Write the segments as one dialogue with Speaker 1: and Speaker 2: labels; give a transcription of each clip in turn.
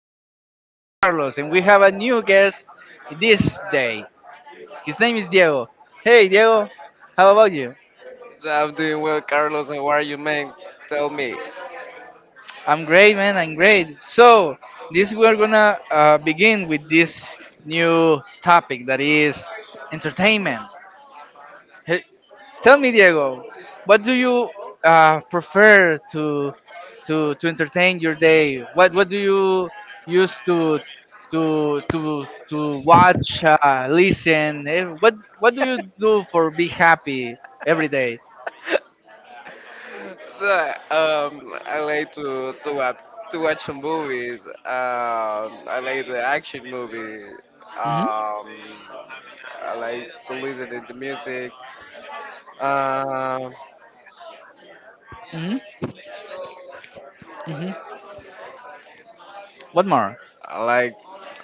Speaker 1: podcast. My name is Carlos, and we have a new guest this day. His name is Diego. Hey, Diego, how about you?
Speaker 2: I'm doing well, Carlos. How are you, man? Tell me.
Speaker 1: I'm great, man. I'm great. So, this we're gonna begin with this new topic that is entertainment. Hey, tell me, Diego, what do you prefer to entertain your day? What do you use to watch, listen? What do you do for be happy every day?
Speaker 2: I like to watch some movies. I like the action movie.
Speaker 1: Mhm.
Speaker 2: Um, I like to listen to the music. Um,
Speaker 1: Mhm. Mhm. What more?
Speaker 2: I like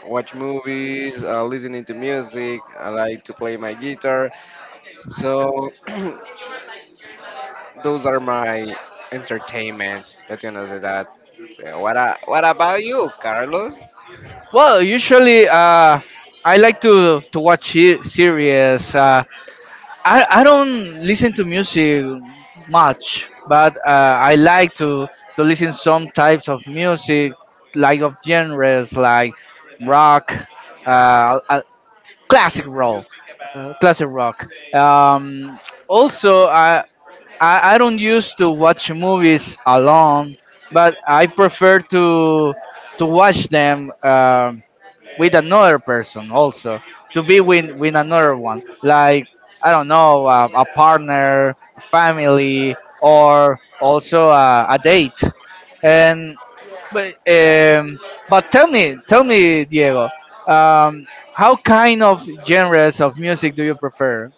Speaker 2: watch movies. Listening to music. I like to play my guitar. So those are my entertainment. Let's gonna say that. So, what about you, Carlos?
Speaker 1: Well, usually I like to watch series. I don't listen to music much, but I like to, listen some types of music, like of genres like rock, uh, uh, classic rock. Um, Also, I don't used to watch movies alone, but I prefer to watch them with another person, also to be with another one, like I don't know, a partner, family, or also a date. And but um but tell me, Diego, um how kind of genres of music do you prefer?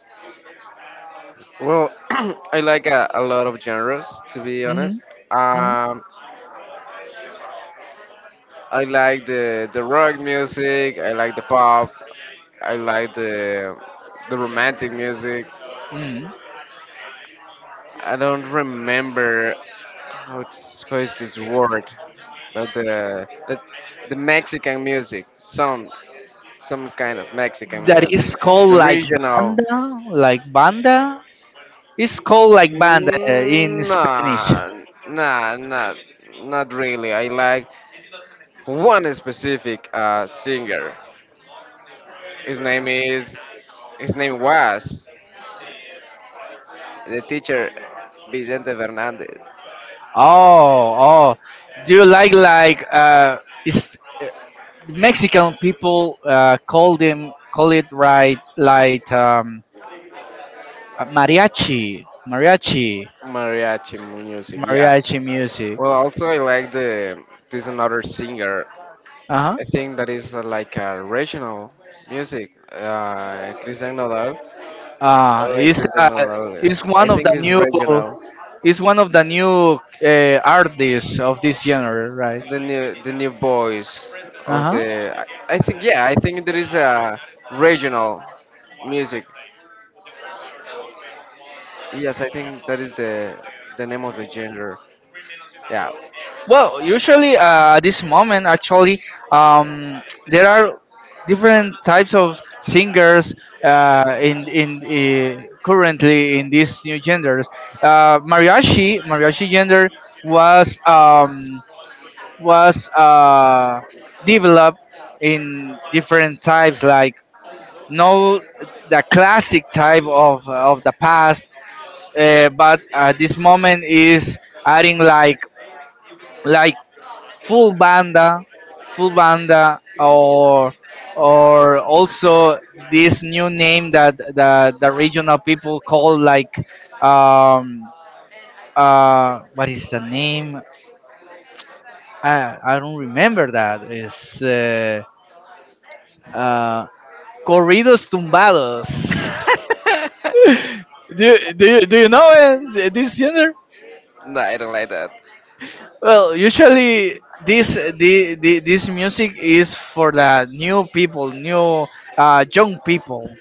Speaker 2: Well, I like a lot of genres, to be
Speaker 1: Hmm.
Speaker 2: honest.
Speaker 1: Hmm.
Speaker 2: Um, I like the rock music. I like the pop. I like the romantic music.
Speaker 1: Mm.
Speaker 2: I don't remember how is this word, but the Mexican music, some kind of Mexican
Speaker 1: That
Speaker 2: music,
Speaker 1: is called
Speaker 2: the
Speaker 1: like
Speaker 2: regional.
Speaker 1: banda, like banda. It's called like banda in
Speaker 2: Mm,
Speaker 1: Spanish.
Speaker 2: nah, nah, not really. I like one specific singer. His name is his name was the teacher Vicente Fernandez
Speaker 1: Oh, oh. Do you like is Mexican people call it, right, like mariachi,
Speaker 2: mariachi music. Yeah.
Speaker 1: mariachi music.
Speaker 2: Well, also I like the this another singer.
Speaker 1: Uh-huh.
Speaker 2: I think that is like a regional music. Cristian Nodal. I
Speaker 1: Uh
Speaker 2: like
Speaker 1: it's
Speaker 2: Cristian
Speaker 1: uh,
Speaker 2: Nodal.
Speaker 1: it's
Speaker 2: I
Speaker 1: one of
Speaker 2: think
Speaker 1: the
Speaker 2: it's regional.
Speaker 1: new artists of this genre, right?
Speaker 2: The new boys
Speaker 1: Uh
Speaker 2: of the.
Speaker 1: huh.
Speaker 2: I think, yeah. I think there is a regional music. Yes, I think that is the name of the gender. Yeah.
Speaker 1: Well, usually at this moment, actually, there are different types of singers in currently in these new genders. Mariachi gender was was uh, developed in different types, like no the classic type of the past, but at this moment is adding like like full banda, or also this new name that the regional people call, like um what is the name? I don't remember that. It's uh corridos tumbados. Do you know it, this genre?
Speaker 2: No, I don't like that.
Speaker 1: Well, usually this the this music is for the new people, new young people,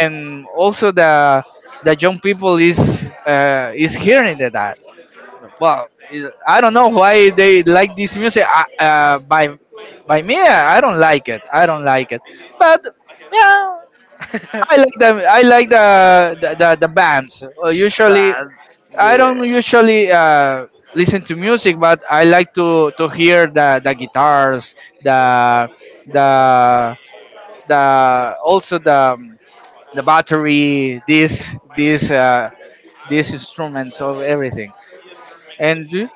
Speaker 1: and also the young people is hearing that. Well, I don't know why they like this music. By me, I don't like it. I don't like it. But yeah, I like the bands. Usually,
Speaker 2: that
Speaker 1: I don't
Speaker 2: the
Speaker 1: usually listen to music, but I like to hear the guitars, the the the also the battery, these these instruments of everything, and do-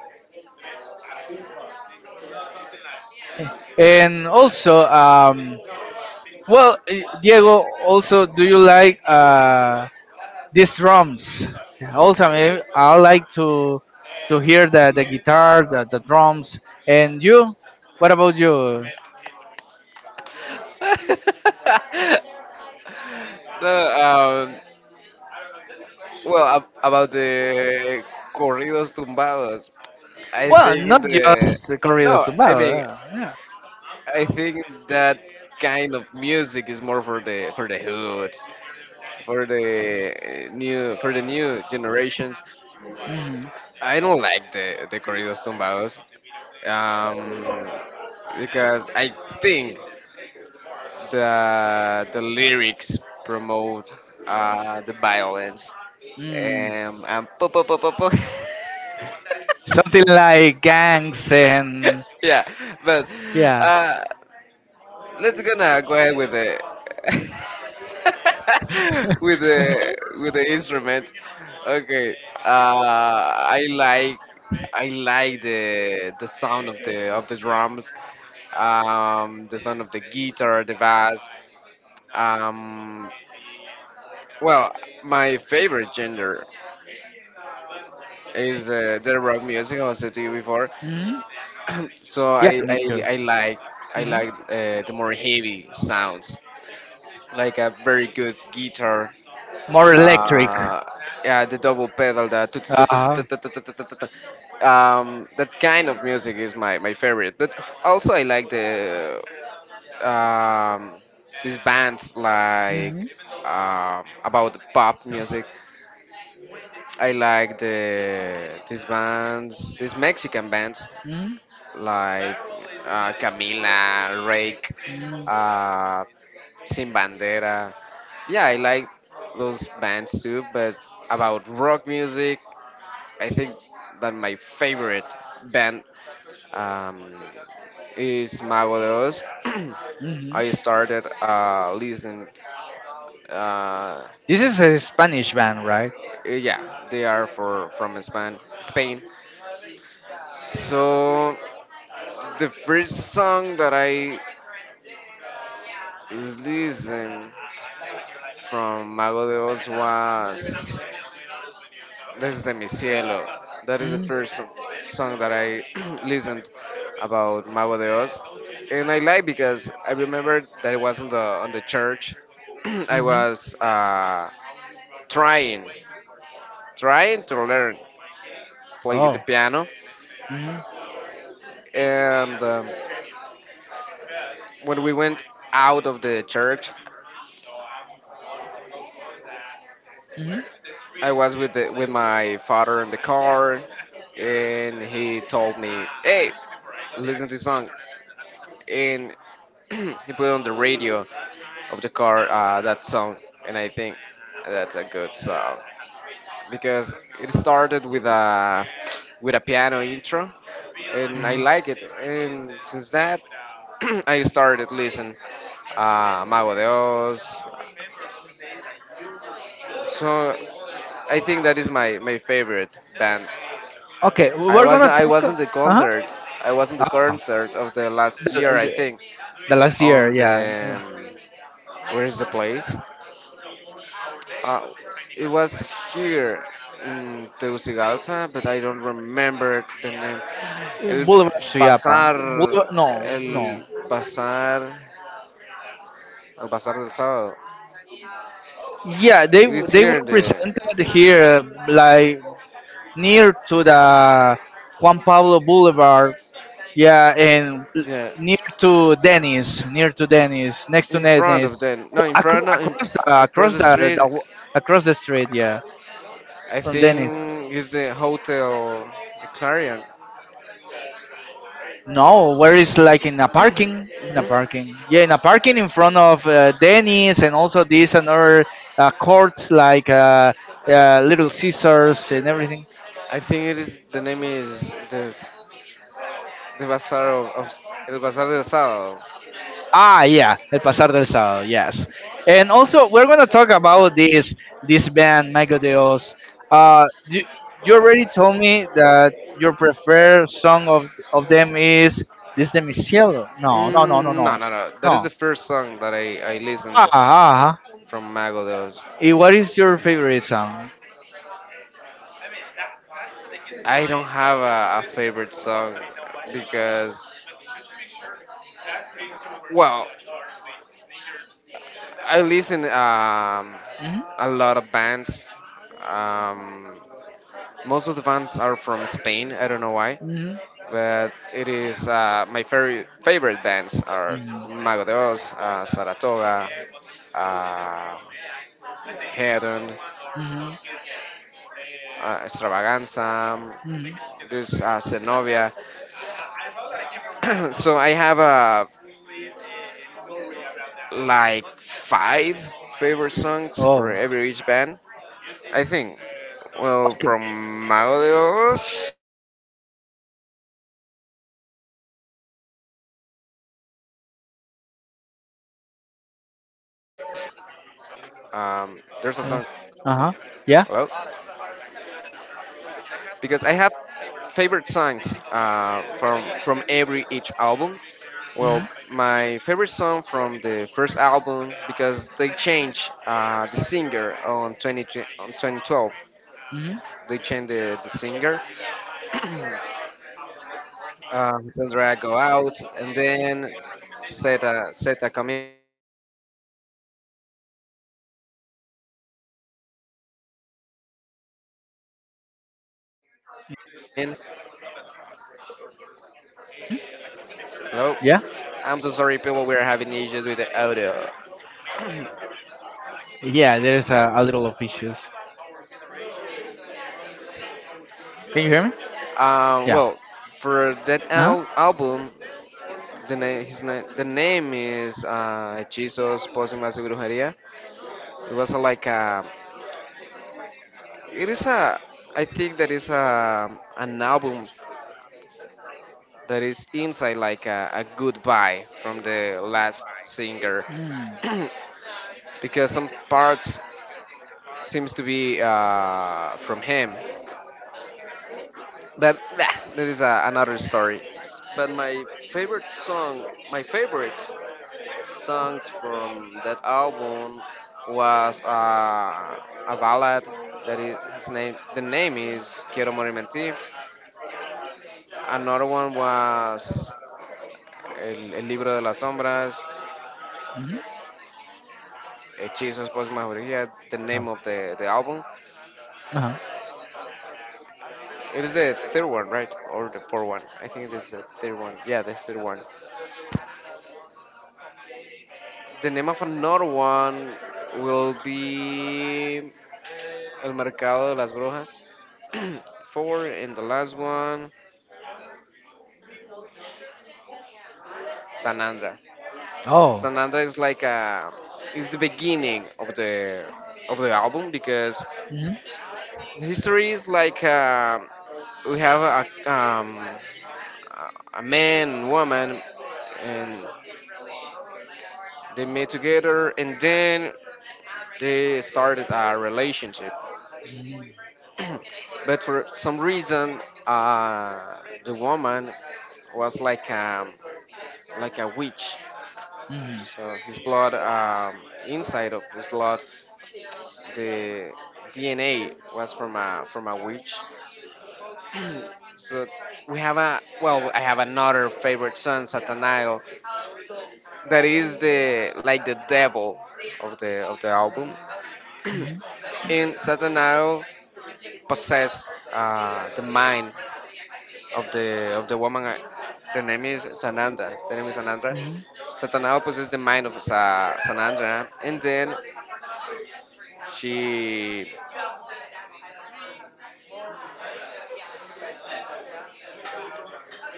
Speaker 1: and also well, Diego, also do you like these drums. Also, I like to hear the guitar, the drums. And you, what about you?
Speaker 2: No, well, about the corridos tumbados. I
Speaker 1: Well,
Speaker 2: think
Speaker 1: not
Speaker 2: the
Speaker 1: just corridos
Speaker 2: No, I mean,
Speaker 1: tumbados. Yeah.
Speaker 2: I think that kind of music is more for the hood, for the new generations.
Speaker 1: Yeah. Mhm.
Speaker 2: I don't like the corridos tumbados, um, because I think the lyrics promote the violence.
Speaker 1: Mm.
Speaker 2: And po po po po po.
Speaker 1: Something like gangs and
Speaker 2: Yeah, but
Speaker 1: yeah.
Speaker 2: uh, let's gonna go ahead with the with the instrument. Okay. Uh, I like I like the sound of the drums, the sound of the guitar, the bass. Um, well, my favorite genre is the rock music, as I was to you before,
Speaker 1: Mhm.
Speaker 2: so
Speaker 1: Yeah,
Speaker 2: I
Speaker 1: me
Speaker 2: I,
Speaker 1: too.
Speaker 2: I like
Speaker 1: Mhm.
Speaker 2: the more heavy sounds, like a very good guitar,
Speaker 1: More electric.
Speaker 2: uh, yeah, the double pedal, that tut- tut- tut- tut-
Speaker 1: Uh-huh.
Speaker 2: tut- tut- tut- tut- tut- tut. That kind of music is my favorite. But also I like um, these bands, like,
Speaker 1: Mhm.
Speaker 2: about pop music. I like these bands, these Mexican bands
Speaker 1: Mhm.
Speaker 2: like Camila, Rake,
Speaker 1: Mhm.
Speaker 2: uh, Sin Bandera. Yeah, I like those bands too, but about rock music, I think that my favorite band, um, is Mago de Oz.
Speaker 1: Mhm.
Speaker 2: I started listening. Uh,
Speaker 1: This is a Spanish band, right?
Speaker 2: yeah, they are for from Spain. Spain. So the first song that I listened from Mago de Oz was This is de Mi Cielo. That is the first
Speaker 1: Mm-hmm.
Speaker 2: song that I listened about Mago de Oz, and I like because I remember that it was on the church. I
Speaker 1: Mm-hmm.
Speaker 2: was trying trying to learn play the
Speaker 1: Oh.
Speaker 2: piano,
Speaker 1: Hmm.
Speaker 2: and when we went out of the church,
Speaker 1: Hmm.
Speaker 2: I was with my father in the car, and he told me, "Hey, listen to this song." And he put on the radio of the car, that song, and I think that's a good song because it started with a piano intro, and I
Speaker 1: Hmm.
Speaker 2: like it. And since that, I started listening Mago de Oz. So I think that is my favorite band.
Speaker 1: Okay, we're gonna
Speaker 2: I
Speaker 1: talk.
Speaker 2: wasn't the
Speaker 1: Uh huh.
Speaker 2: concert. I wasn't the
Speaker 1: Ah,
Speaker 2: concert of the last
Speaker 1: the,
Speaker 2: year. I
Speaker 1: the,
Speaker 2: think
Speaker 1: the last year,
Speaker 2: on
Speaker 1: yeah.
Speaker 2: the. Where's the place? Uh, it was here in Tegucigalpa, but I don't remember the name. El
Speaker 1: Boulevard Suyapa.
Speaker 2: Bazar,
Speaker 1: No, no.
Speaker 2: El Bazar, El Bazar del Sábado.
Speaker 1: Yeah, they
Speaker 2: It is
Speaker 1: they
Speaker 2: here
Speaker 1: were
Speaker 2: in the,
Speaker 1: presented here, like near to the Juan Pablo Boulevard. Yeah,
Speaker 2: yeah,
Speaker 1: near to Dennis, next to
Speaker 2: in front of
Speaker 1: Dennis,
Speaker 2: the, no, in
Speaker 1: across
Speaker 2: front, no, in,
Speaker 1: across the
Speaker 2: across
Speaker 1: across
Speaker 2: the
Speaker 1: the, the
Speaker 2: street.
Speaker 1: w- across the street. Yeah,
Speaker 2: I
Speaker 1: from Dennis.
Speaker 2: think is the hotel, the Clarion.
Speaker 1: No, where is like in a parking,
Speaker 2: Hmm,
Speaker 1: Yeah, in a parking in front of Denny's and also this another courts like Little Caesars and everything.
Speaker 2: I think it is. The name is the the bazar of El Bazar del Sábado.
Speaker 1: Ah, yeah, El Pasar del Sábado, yes. And also we're gonna talk about this band Mago Dios. Uh, you, you already told me that your preferred song of them is "This de mi cielo." No, no, no, no,
Speaker 2: Mm, no,
Speaker 1: no,
Speaker 2: no, no. That is
Speaker 1: no.
Speaker 2: the first song that I listened
Speaker 1: Ah, ah, ah.
Speaker 2: from Magodos.
Speaker 1: What is your favorite song?
Speaker 2: I don't have a favorite song because, well, I listen,
Speaker 1: Mhm.
Speaker 2: a lot of bands. Um, Most of the bands are from Spain. I don't know why,
Speaker 1: Mhm.
Speaker 2: but it is my very favorite bands are
Speaker 1: Mhm.
Speaker 2: Magodos, Saratoga, uh, Hedon,
Speaker 1: Mhm.
Speaker 2: Extravaganza,
Speaker 1: Mhm.
Speaker 2: this, Zenobia. So I have, like five favorite songs for
Speaker 1: Oh.
Speaker 2: every each band, I think. Well,
Speaker 1: Okay.
Speaker 2: from Maudios, I can say, um, there's a song. Hello,
Speaker 1: Uh huh. Yeah.
Speaker 2: because I have favorite songs from every each album. Well,
Speaker 1: Mhm.
Speaker 2: my favorite song from the first album, because they changed the singer on 20, on 2012.
Speaker 1: Mhm.
Speaker 2: They changed the singer. Sandra go out and then Zeta comes in and
Speaker 1: Mhm. Yeah.
Speaker 2: hello. I'm so sorry, people. We're having issues with the audio.
Speaker 1: Yeah. There's a little of issues. Can you hear me? Yeah. Uh huh.
Speaker 2: Well, for that album, the name is Jesus Pósimas de Brujería. It was like a, it is a, I think that is an album that is inside like a goodbye from the
Speaker 1: Mm.
Speaker 2: last singer, because some parts seems to be from him. But there is another story. But favorite song, my favorite songs from that album was a ballad that is his name. The name is Quiero Morir en. Another one was El Libro de las Sombras,
Speaker 1: Mhm.
Speaker 2: Hechizos por Mayoría,
Speaker 1: Oh.
Speaker 2: the name of the album.
Speaker 1: Uh huh.
Speaker 2: It is the third one, right? Or the fourth one? I think it is the third one. Yeah, the third one. The name of another one will be El Mercado de las Brujas. Four, and the last one San Andra.
Speaker 1: Oh.
Speaker 2: San Andra is like is the beginning of the album, because
Speaker 1: Mhm.
Speaker 2: the history is like, we have a, a man and woman, and they met together, and then they started a relationship.
Speaker 1: Mhm.
Speaker 2: But for some reason, uh, the woman was like, like a witch.
Speaker 1: Mhm.
Speaker 2: So his blood, inside of his blood, the DNA was from a witch. So we have a well, I have another favorite song, Satanael, that is the like the devil of the album.
Speaker 1: Mhm.
Speaker 2: And Satanael possess, the mind of the woman. The name is Sanandra. The name is Sanandra.
Speaker 1: Mhm.
Speaker 2: Satanael possesses the mind of Sanandra, and then she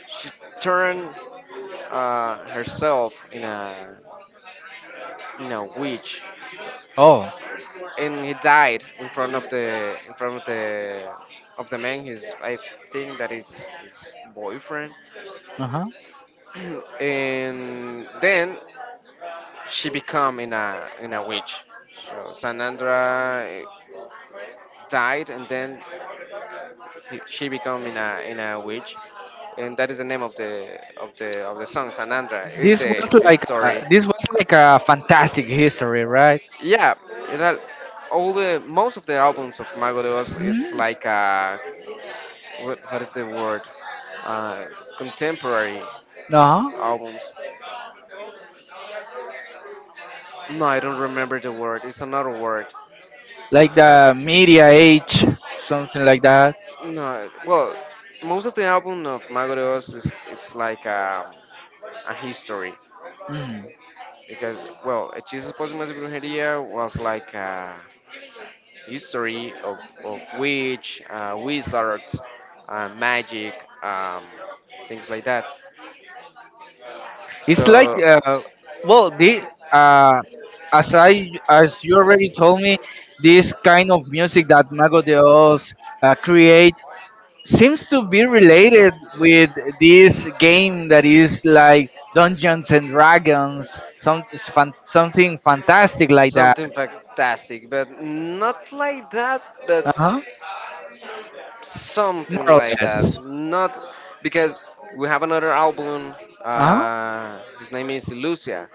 Speaker 2: she turned herself in a witch,
Speaker 1: Oh.
Speaker 2: and he died in front of the in front of the man. His, I think that is his boyfriend,
Speaker 1: Uh huh.
Speaker 2: and then she become in a witch. So Sanandra, died, and then she become in a witch, and that is the name of the song Sanandra. It's the story.
Speaker 1: This was like a fantastic history, right?
Speaker 2: Yeah, it had all the most of the albums of Mago de Oz. It's
Speaker 1: Mm.
Speaker 2: like, what is the word? Uh, Contemporary
Speaker 1: Uh huh.
Speaker 2: albums. No, I don't remember the word. It's another word.
Speaker 1: Like the media age, something like that.
Speaker 2: No, well, most of the album of Mago de Oz is it's like a history,
Speaker 1: Mhm.
Speaker 2: because well, Hechizos Pósimas de Brujería was like a history of witch, wizards, magic, um, things like that.
Speaker 1: It's like,
Speaker 2: So
Speaker 1: well, the uh, as I as you already told me, this kind of music that Mago de Oz create seems to be related with this game that is like Dungeons and Dragons, something fantastic like that.
Speaker 2: something fantastic, but not like that, but
Speaker 1: Uh huh.
Speaker 2: something
Speaker 1: More or
Speaker 2: like that.
Speaker 1: less.
Speaker 2: Not because we have another album.
Speaker 1: Uh huh.
Speaker 2: His name is Lucia.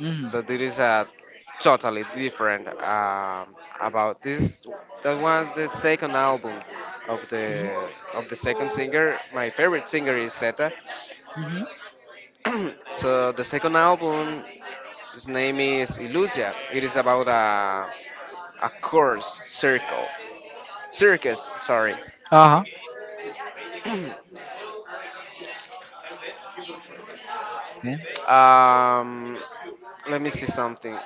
Speaker 1: Mm-hmm.
Speaker 2: So this is a totally different, about this. That was the second album of the second singer. My favorite singer is Zeta. So the second album, his name is Illusia. It is about a course circle circus, sorry.
Speaker 1: Uh huh.
Speaker 2: um Let me see something.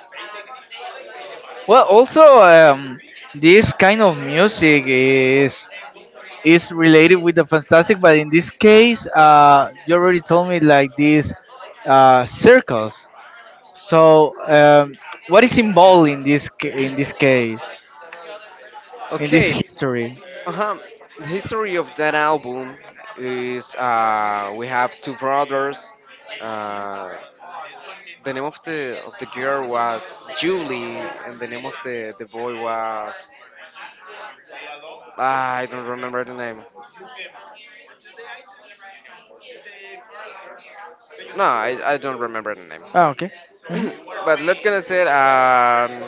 Speaker 1: Well, also, this kind of music is related with the fantastic, but in this case, you already told me like these circles. So, what is involved in in this case in this
Speaker 2: Okay.
Speaker 1: history?
Speaker 2: Uh-huh. The history of that album is, we have two brothers. uh the name of the girl was Julie, and the name of the boy was. I don't remember the name. No, I don't remember the name.
Speaker 1: Ah, okay. Hmm.
Speaker 2: No. But let's gonna say,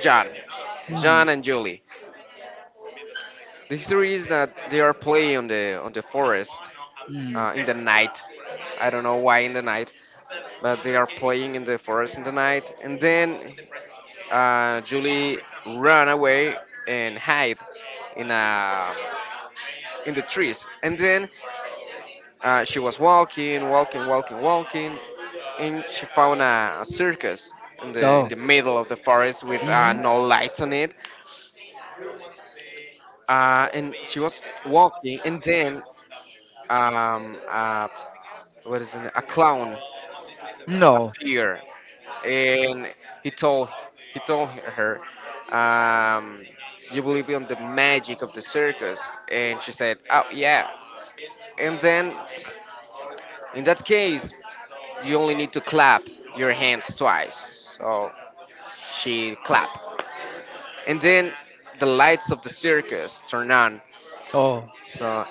Speaker 2: John,
Speaker 1: Mm.
Speaker 2: John and Julie. The history is that they are playing on the forest,
Speaker 1: Mm.
Speaker 2: in the night. I don't know why in the night, but they are playing in the forest in the night. And then Julie run away and hide in a in the trees. And then she was walking, walking, walking, walking, and she found a circus in
Speaker 1: Oh.
Speaker 2: the middle of the forest with,
Speaker 1: Hmm.
Speaker 2: no lights on it. And she was walking, and then, a, what is it? A clown
Speaker 1: No.
Speaker 2: appeared, and he told he told her, um, "You believe in the magic of the circus?" And she said, "Oh, yeah." And then, in that case, you only need to clap your hands twice. So she clapped, and then the lights of the circus turn on.
Speaker 1: Oh.
Speaker 2: So.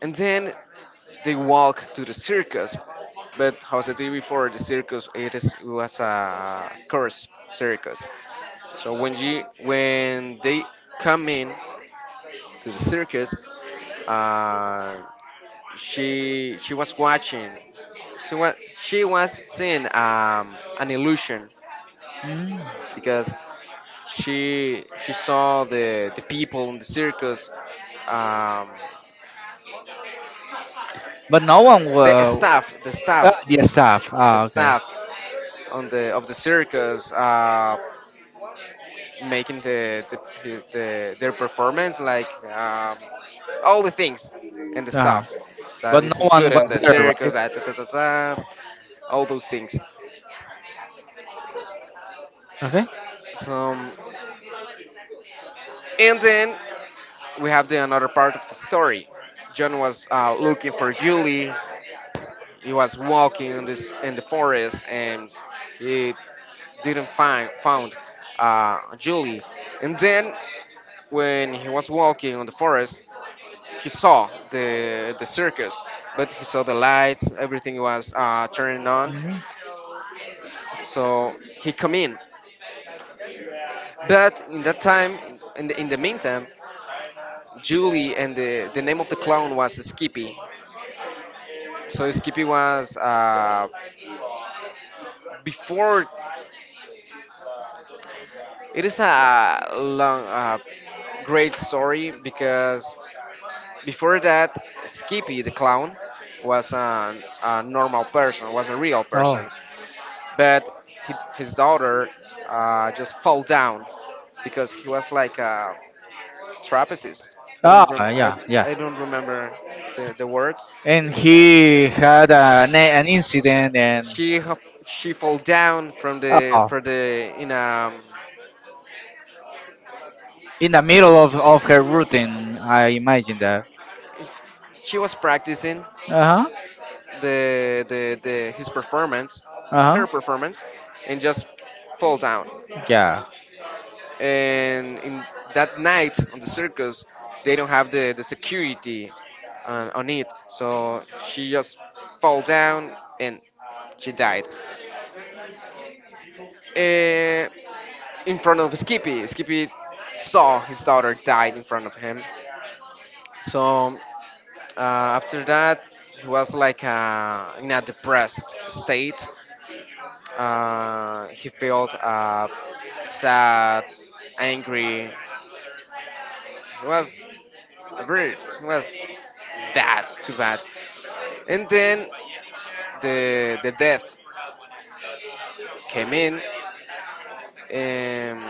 Speaker 2: And then they walk to the circus. But how I said to you before, the circus, was a cursed circus. So when they come in to the circus, uh, she was watching. She was seeing an illusion
Speaker 1: Mm.
Speaker 2: because she saw the people in the circus, um,
Speaker 1: But no one
Speaker 2: the
Speaker 1: was
Speaker 2: staff, the staff,
Speaker 1: the staff.
Speaker 2: the
Speaker 1: Ah, okay.
Speaker 2: staff. On the of the circus, making their performance, like all the things and the
Speaker 1: uh
Speaker 2: stuff that
Speaker 1: But
Speaker 2: is
Speaker 1: no one
Speaker 2: included on
Speaker 1: was
Speaker 2: the
Speaker 1: there,
Speaker 2: circus,
Speaker 1: right?
Speaker 2: da, all those things.
Speaker 1: Okay.
Speaker 2: So, and then we have the another part of the story. John was looking for Julie. He was walking in the forest, and he didn't find found Julie. And then, when he was walking on the forest, he saw the circus, but he saw the lights, everything was turning on.
Speaker 1: Hmm.
Speaker 2: So he come in. But in that time, in the meantime, Julie and the name of the clown was Skippy. So Skippy was before. It is a long, great story because before that, Skippy the clown was a normal person, was a real
Speaker 1: Oh.
Speaker 2: person. But he, his daughter just fell down because he was like a trapezist. I
Speaker 1: Ah.
Speaker 2: don't rem- I,
Speaker 1: Yeah. Yeah.
Speaker 2: I don't remember the word.
Speaker 1: And he had
Speaker 2: She
Speaker 1: an incident, and
Speaker 2: she ha- she fell down. from the
Speaker 1: oh,
Speaker 2: for the in um
Speaker 1: in the middle of her routine, I imagine that.
Speaker 2: she was practicing
Speaker 1: Uh huh.
Speaker 2: the his performance
Speaker 1: Uh
Speaker 2: her
Speaker 1: huh.
Speaker 2: performance and just fall down.
Speaker 1: Yeah.
Speaker 2: And in that night on the circus, they don't have the security on it, so she just fall down and she died, Eh, in front of Skippy. Skippy saw his daughter died in front of him. So after that, he was like in a depressed state. He felt sad, angry. He was rude. It was bad, too bad. And then the death came in, and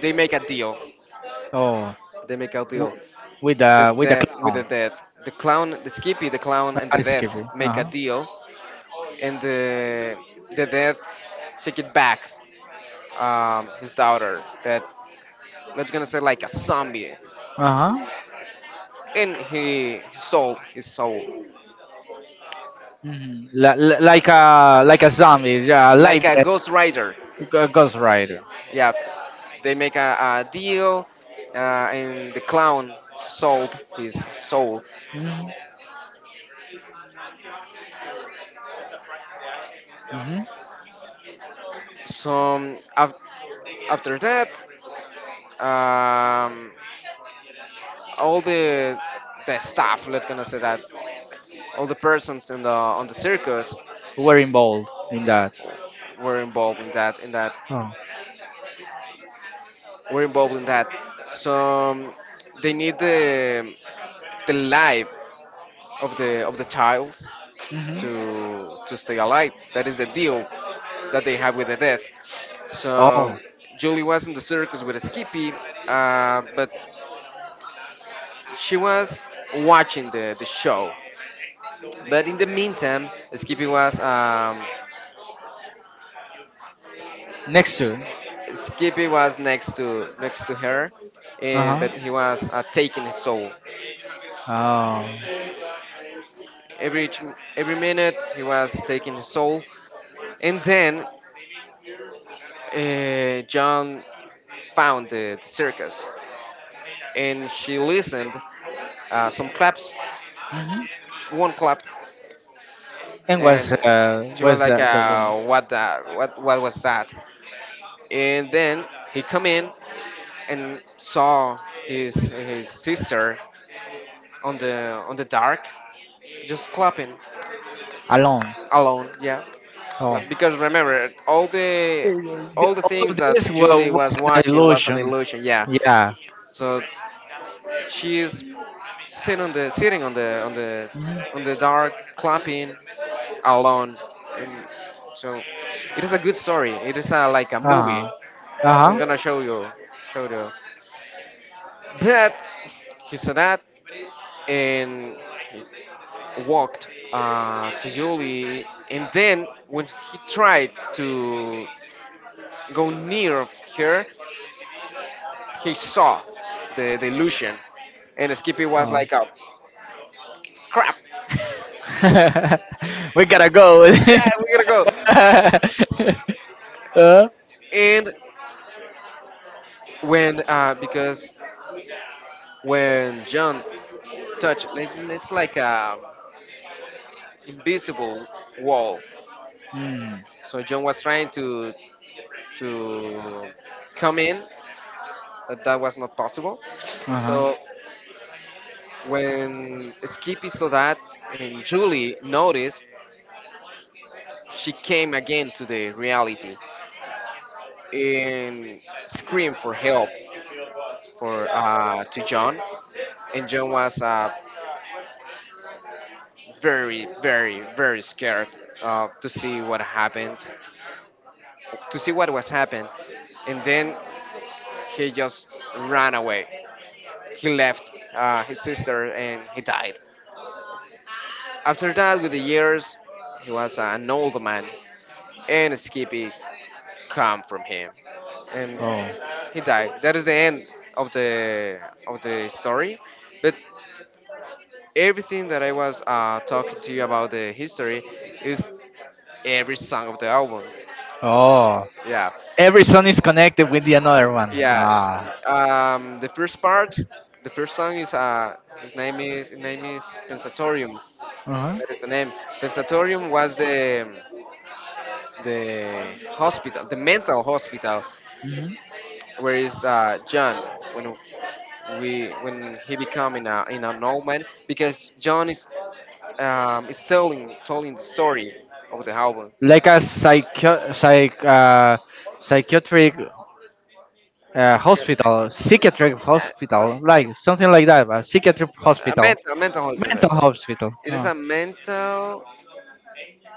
Speaker 2: they make a deal.
Speaker 1: Oh,
Speaker 2: They make a deal.
Speaker 1: with
Speaker 2: The
Speaker 1: the
Speaker 2: death, with
Speaker 1: clown,
Speaker 2: the death. The clown, the Skippy, the clown, and the
Speaker 1: ice
Speaker 2: death
Speaker 1: cube. Uh
Speaker 2: make a
Speaker 1: huh.
Speaker 2: deal, and the death take it back. His daughter, that not gonna say like a zombie,
Speaker 1: Uh huh.
Speaker 2: and he sold his soul
Speaker 1: Hmm. Like a zombie, yeah,
Speaker 2: like
Speaker 1: like
Speaker 2: a
Speaker 1: that.
Speaker 2: Ghost Rider.
Speaker 1: Ghost Rider.
Speaker 2: Yeah, they make a deal, and the clown sold his soul.
Speaker 1: Mm-hmm. Hmm.
Speaker 2: So after that, um, all the staff, let's gonna say that, all the persons in the on the circus
Speaker 1: We're involved in that.
Speaker 2: were involved in that. In that,
Speaker 1: Oh.
Speaker 2: were involved in that. So um, they need the life of the child
Speaker 1: Hmm.
Speaker 2: to stay alive. That is the deal that they have with the death.
Speaker 1: Oh.
Speaker 2: So Julie was in the circus with Skippy, but she was watching the show. But in the meantime,
Speaker 1: Next to.
Speaker 2: Skippy was next to her,
Speaker 1: Uh
Speaker 2: and
Speaker 1: huh.
Speaker 2: but he was taking his soul.
Speaker 1: Oh.
Speaker 2: Every ch- every minute he was taking his soul, and then John found the circus, and she listened some claps,
Speaker 1: Hmm.
Speaker 2: one clap,
Speaker 1: And
Speaker 2: and she was
Speaker 1: was
Speaker 2: like,
Speaker 1: the woman
Speaker 2: "What was that?" And then he come in and saw his sister on the dark, just clapping
Speaker 1: alone?
Speaker 2: alone. Yeah.
Speaker 1: Oh,
Speaker 2: Like, because remember all the
Speaker 1: all
Speaker 2: things
Speaker 1: of
Speaker 2: that
Speaker 1: this
Speaker 2: Julie was
Speaker 1: was an
Speaker 2: watching was an
Speaker 1: illusion.
Speaker 2: illusion. Yeah,
Speaker 1: Yeah.
Speaker 2: so she's sitting on the on the on the dark, clapping alone. And so it is a good story. It is like a
Speaker 1: Uh
Speaker 2: movie.
Speaker 1: huh. Uh
Speaker 2: I'm gonna show you. But he saw that, and he walked to Julie, and then when he tried to go near of her, he saw the illusion, and Skippy was
Speaker 1: huh.
Speaker 2: like, "Oh crap,
Speaker 1: uh we gotta go.
Speaker 2: yeah, we gotta go,"
Speaker 1: uh,
Speaker 2: and when because when John touched, it's like a invisible wall.
Speaker 1: mm,
Speaker 2: So John was trying to to come in, but that was not possible.
Speaker 1: uh-huh.
Speaker 2: So when Skippy saw that, and Julie noticed, she came again to the reality and screamed for help for to John, and John was very, very, very scared to see what happened, to see what was happened, and then he just ran away. He left his sister and he died. After that, with the years, he was an old man, and Skippy come from him, and
Speaker 1: Oh.
Speaker 2: he died. That is the end of the of the story, but everything that I was talking to you about the history is every song of the album.
Speaker 1: Oh.
Speaker 2: Yeah.
Speaker 1: Every son is connected with the another one.
Speaker 2: Yeah.
Speaker 1: Ah.
Speaker 2: The first part, the first song is his name is Pensatorium.
Speaker 1: Uh-huh.
Speaker 2: That is the name. Pensatorium was the hospital, the mental hospital,
Speaker 1: Hmm.
Speaker 2: where is John when we when he become in an old man, because John is telling the story of the album.
Speaker 1: Like a psychiatric
Speaker 2: Psychiatric,
Speaker 1: hospital,
Speaker 2: something
Speaker 1: psychiatric
Speaker 2: like that,
Speaker 1: hospital, like something like that, but psychiatric
Speaker 2: a
Speaker 1: hospital,
Speaker 2: mental hospital.
Speaker 1: mental hospital.
Speaker 2: It is a mental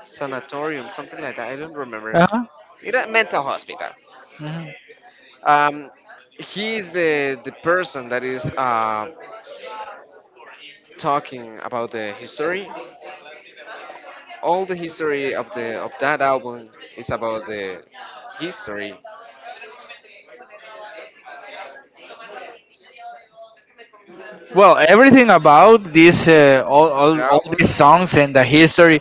Speaker 2: sanatorium, something like that. I don't remember.
Speaker 1: Uh-huh.
Speaker 2: It a mental hospital.
Speaker 1: Mhm.
Speaker 2: Um, he is the person that is talking about the history. All the history of that album is about the history.
Speaker 1: Well, everything about this,
Speaker 2: The
Speaker 1: all
Speaker 2: albums
Speaker 1: these songs and the history,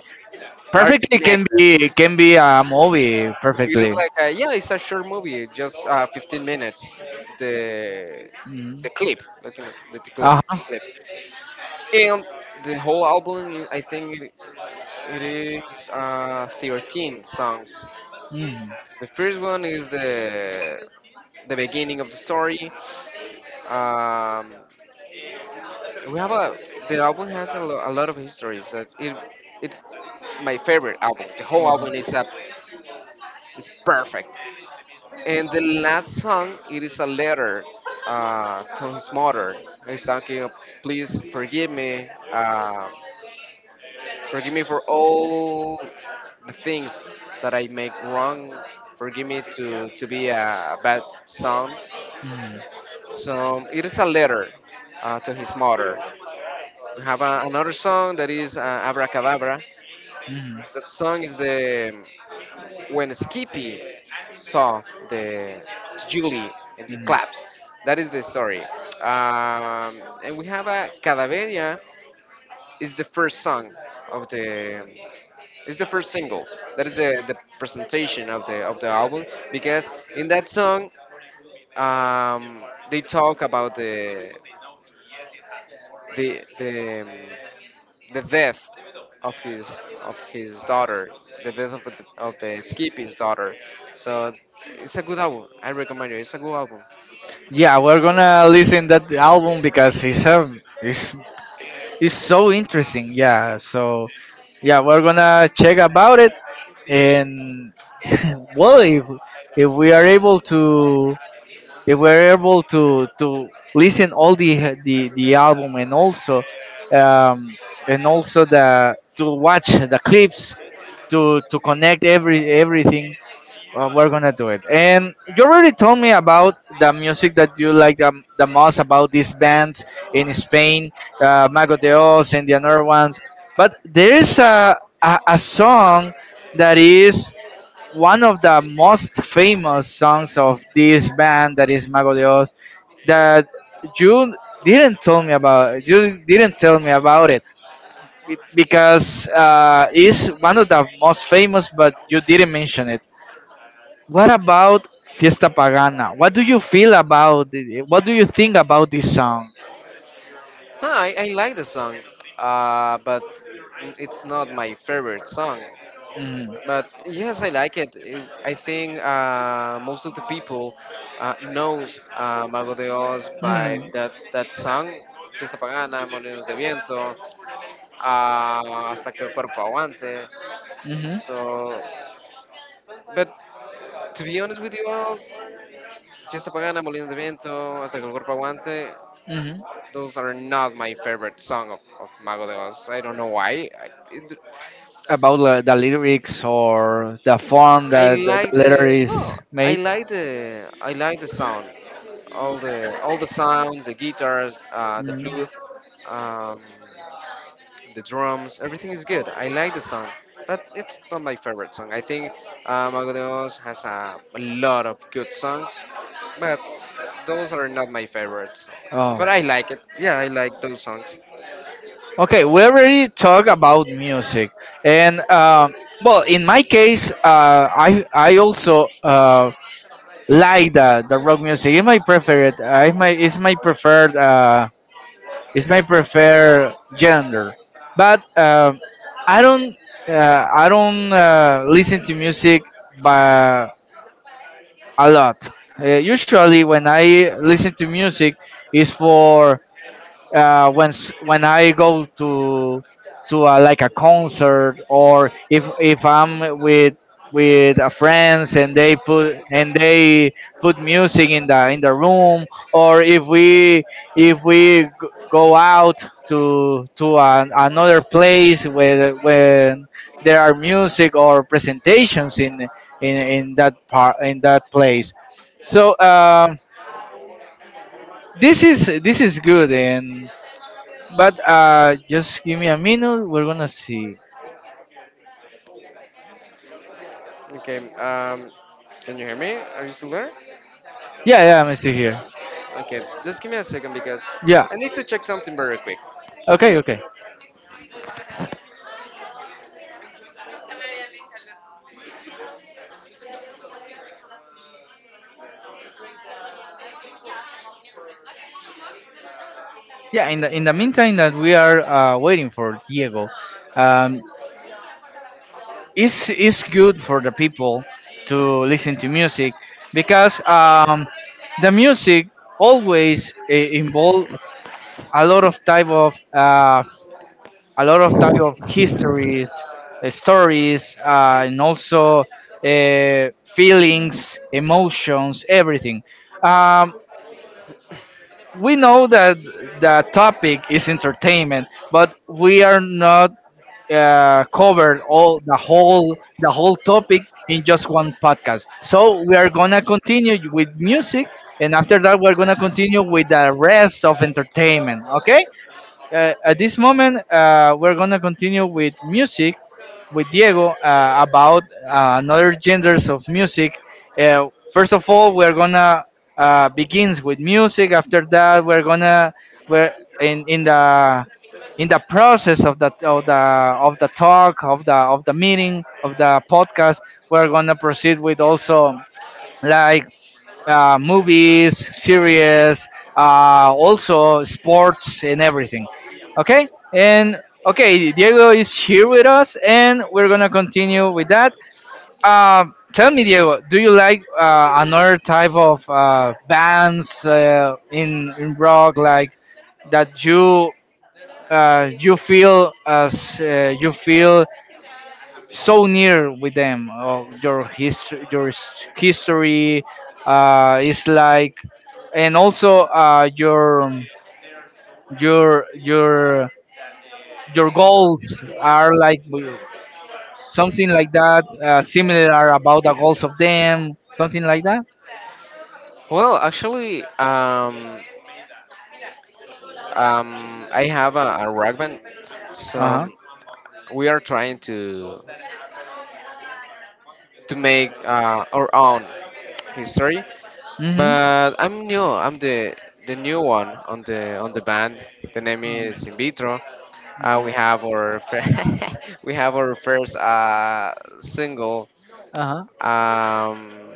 Speaker 2: are
Speaker 1: perfectly
Speaker 2: connected.
Speaker 1: can be a movie
Speaker 2: It is
Speaker 1: perfectly.
Speaker 2: yeah, it's a short movie, just 15 minutes. The
Speaker 1: Mm.
Speaker 2: the clip, let's gonna s- the clip,
Speaker 1: Uh huh.
Speaker 2: clip. And the whole album, I think it is 13 songs.
Speaker 1: Mm.
Speaker 2: The first one is the beginning of the story. Um, we have a The album has a lot of histories. That it it's my favorite album. The whole album is up. It's perfect. And the last song, it is a letter to his mother. He's talking, please forgive me. Forgive me for all the things that I make wrong. Forgive me to be a bad son.
Speaker 1: Mm.
Speaker 2: So it is a letter to his mother. We have another song that is Abracadabra.
Speaker 1: Mm.
Speaker 2: That song is the when Skippy saw the Julie and he
Speaker 1: Mm.
Speaker 2: claps. That is the story. And we have a Cadaveria. Is the first song of the, it's the first single. That is the presentation of the album because in that song, um, they talk about the the um, the death of his daughter, the death of the Skippy's daughter. So it's a good album. I recommend it. It's a good album.
Speaker 1: Yeah, we're gonna listen that album because it's a it's it's so interesting. Yeah. So, yeah, we're gonna check about it, and well, if we are able to if we're able to listen all the album, um and also the to watch the clips to connect everything. Well, we're gonna do it. And you already told me about the music that you like the most about these bands in Spain, Mago de Oz and the other ones. But there is a song that is one of the most famous songs of this band that is Mago de Oz that you didn't tell me about. You didn't tell me about it because it's one of the most famous, but you didn't mention it. What about Fiesta Pagana? What do you feel about it? What do you think about this song?
Speaker 2: No, I like the song, but it's not my favorite song.
Speaker 1: Mm.
Speaker 2: But yes, I like it. I think most of the people knows Mago de Oz by
Speaker 1: Mm.
Speaker 2: that song, Fiesta Pagana, Molinos de Viento, uh, Hasta que el cuerpo aguante.
Speaker 1: Hmm.
Speaker 2: So, but to be honest with you all, Fiesta Pagana, Molinos de Viento, Hasta que el cuerpo aguante,
Speaker 1: Hmm.
Speaker 2: those are not my favorite song of Mago de Oz. I don't know why.
Speaker 1: About the lyrics or the form
Speaker 2: I
Speaker 1: that the
Speaker 2: like
Speaker 1: letter
Speaker 2: the no,
Speaker 1: is made?
Speaker 2: I like the sound, all the sounds, the guitars, the
Speaker 1: Mhm.
Speaker 2: flute, um, the drums. Everything is good. I like the song, but it's not my favorite song. I think Mago de Oz has a lot of good songs, but those are not my favorites.
Speaker 1: Oh,
Speaker 2: But I like it. Yeah, I like those songs.
Speaker 1: okay. We already talked about music, and well, in my case, I also like the rock music. It's my preferred. It's my preferred gender, but I don't I don't listen to music by a lot. Usually, when I listen to music, is for when I go to a, like a concert, or if I'm with a friends, and they put music in the room, or if we g- go out to an, another place where when there are music or presentations in that part in that place. So this is good, and but just give me a minute. We're gonna see.
Speaker 2: Okay. Can you hear me? Are you still there?
Speaker 1: Yeah, yeah, I'm still here.
Speaker 2: Okay, just give me a second because
Speaker 1: Yeah.
Speaker 2: I need to check something very quick.
Speaker 1: Okay, okay. Yeah. In the meantime that we are waiting for Diego, um, it's good for the people to listen to music, because the music always involve a lot of type of a lot of type of histories, stories, and also feelings, emotions, everything. Um, we know that the topic is entertainment, but we are not covered all the whole topic in just one podcast. So we are gonna continue with music, and after that we're gonna continue with the rest of entertainment. Okay? At this moment, we're gonna continue with music with Diego about another genders of music. First of all, we're gonna begins with music. After that, we're in the process of the talk of the meeting of the podcast. We're gonna proceed with also like movies, series, also sports and everything. Okay, and okay, Diego is here with us, and we're gonna continue with that. Uh, tell me, Diego, do you like another type of bands in rock, like that you you feel as you feel so near with them of your history history is like, and also your your your goals are like something like that, similar are about the goals of them, something like that.
Speaker 2: Well, actually, I have a rock band, so
Speaker 1: Uh-huh.
Speaker 2: we are trying to make our own history.
Speaker 1: Mm-hmm.
Speaker 2: But I'm new. I'm the new one on the band. The name is In Vitro. We have our fir- we have our first single.
Speaker 1: Uh-huh.
Speaker 2: Um,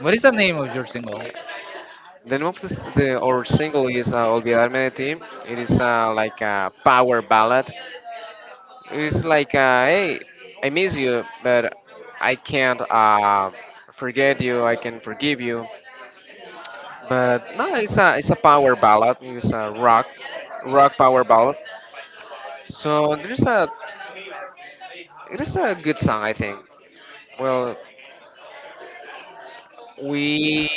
Speaker 1: What is the name of your single?
Speaker 2: The name of our single is Olvidarme de Ti. It is like a power ballad. It is like, hey, I miss you, but I can't forget you. I can forgive you. But no, it's a power ballad. It's a rock power ballad. So there's a it is a good song, I think. Well, we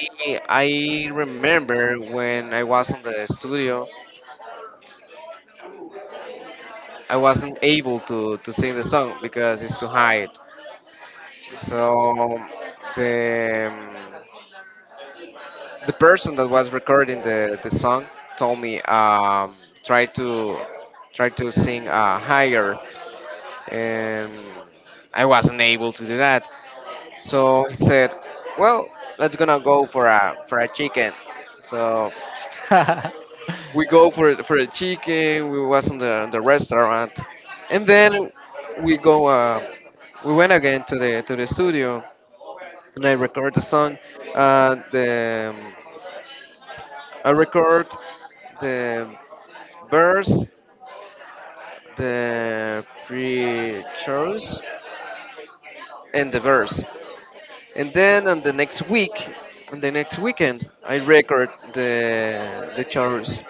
Speaker 2: I remember when I was in the studio. I wasn't able to sing the song because it's too high. So the um, the person that was recording the song told me try to try to sing higher, and I wasn't able to do that. So he said, "Well, let's gonna go for a chicken." So
Speaker 1: uh,
Speaker 2: we go for a chicken. We was in the restaurant, and then we go. We went again to the studio and I record the song. The I record the verse, the pre-chorus, and the verse. And then on the next week, on the next weekend, I record the chorus.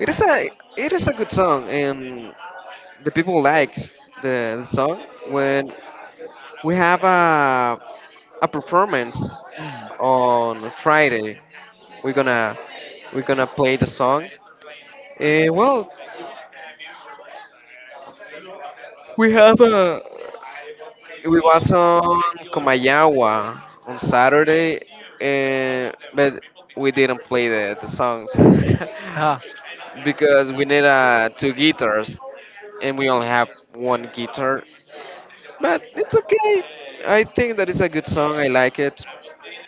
Speaker 2: It is a it is a good song, and the people like the song when we have a performance on Friday. We're gonna we're gonna play the song. Well, we have a we was on Comayagua on Saturday, but we didn't play the songs because we need two guitars, and we only have one guitar. But it's okay. I think that is a good song. I like it.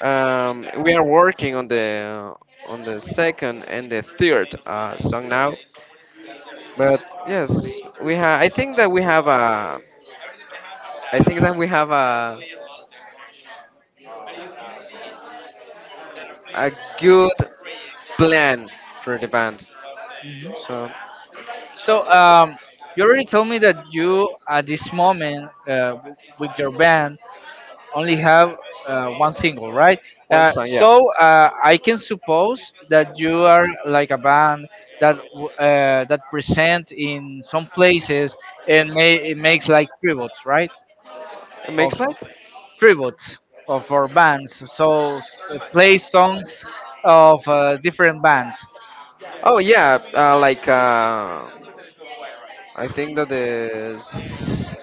Speaker 2: We are working on the second and the third song now. But yes, we have. I think that we have a good plan for the band.
Speaker 1: mhm.
Speaker 2: So
Speaker 1: So, you already told me that you at this moment, with your band only have one single, right?
Speaker 2: one
Speaker 1: Uh,
Speaker 2: song, yeah.
Speaker 1: so I can suppose that you are like a band that that present in some places and may, it makes like tributes, right?
Speaker 2: It
Speaker 1: Of
Speaker 2: makes like,
Speaker 1: tributes of our bands, so play songs of different bands,
Speaker 2: oh yeah, like, I think that the s-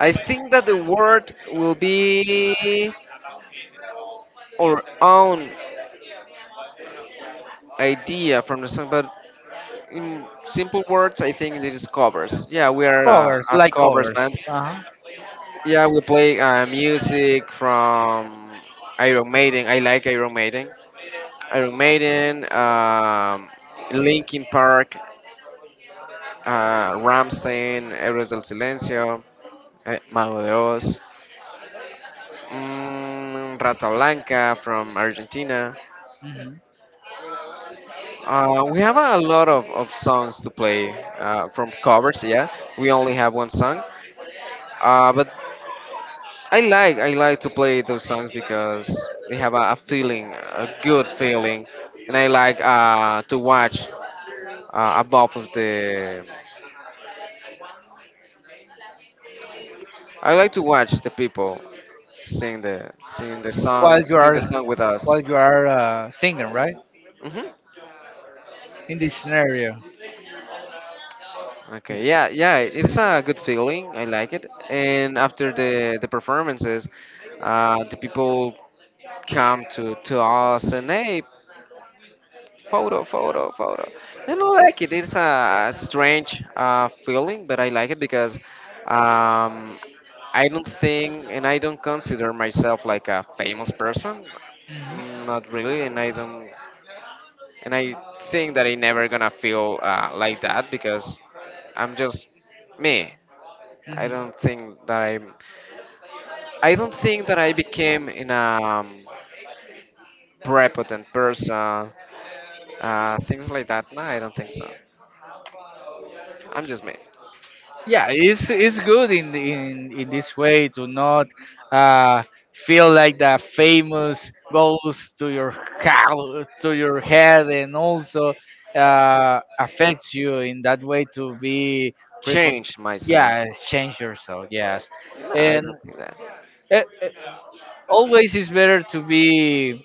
Speaker 2: I think that the word will be our own idea from the song, but in simple words, I think it is covers. Yeah, we are a,
Speaker 1: covers
Speaker 2: a
Speaker 1: like
Speaker 2: covers
Speaker 1: covers,
Speaker 2: band.
Speaker 1: uh-huh.
Speaker 2: Yeah, we play music from Iron Maiden. I like Iron Maiden. Iron Maiden, Linkin Park, Ramstein, Héroes del Silencio, Mago de Oz, Rata Blanca from Argentina.
Speaker 1: Hmm.
Speaker 2: We have a lot of songs to play from covers, yeah. We only have one song. But I like to play those songs because they have a feeling, a good feeling, and I like to watch above of the I like to watch the people sing the sing the
Speaker 1: while
Speaker 2: song
Speaker 1: you
Speaker 2: sing the
Speaker 1: are
Speaker 2: song with us.
Speaker 1: while you are singing, right?
Speaker 2: Hmm.
Speaker 1: In this scenario, yeah.
Speaker 2: Okay, yeah, yeah, it's a good feeling. I like it. And after the performances, the people come to us and hey, photo, photo, photo. And I like it. It's a strange feeling, but I like it because um, I don't think and I don't consider myself like a famous person. Not really, and I don't. And I think that I never gonna feel like that because I'm just me. I
Speaker 1: Mhm.
Speaker 2: don't think that I'm. I don't think that I became in a prepotent person, things like that. No, I don't think so. I'm just me.
Speaker 1: Yeah, it's good in this way to not uh feel like the famous goes to your house, to your head, and also affects you in that way to be prepared.
Speaker 2: Change myself.
Speaker 1: Yeah, change yourself, yes.
Speaker 2: No, I
Speaker 1: And
Speaker 2: don't think that.
Speaker 1: uh, uh, always is better to be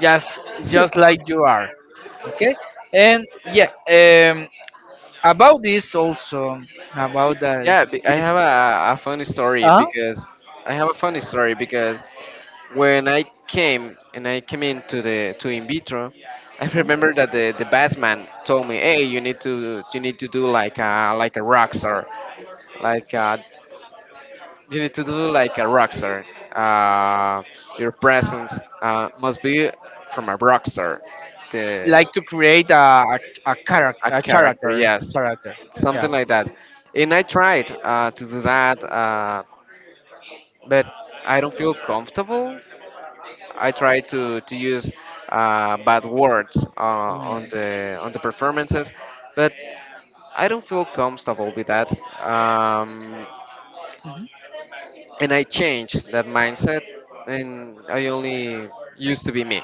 Speaker 1: just just
Speaker 2: Simple.
Speaker 1: like you are. Okay. And yeah, um, about this also, about the
Speaker 2: Yeah, I
Speaker 1: this.
Speaker 2: have a funny story
Speaker 1: Huh?
Speaker 2: because I have a funny story because when I came into the to in vitro. I remember that the bass man told me, "Hey, you need to do like a rockstar, like a, you need to do like a rockstar. Uh, your presence must be from a rockstar, the
Speaker 1: Like to create a a, character
Speaker 2: a
Speaker 1: a
Speaker 2: character,
Speaker 1: character a
Speaker 2: yes,
Speaker 1: character. Yeah.
Speaker 2: something like that." And I tried to do that, but I don't feel comfortable. I try to use bad words on
Speaker 1: Mm.
Speaker 2: the performances, but I don't feel comfortable with that. Um, and I changed that mindset, and I only used to be me.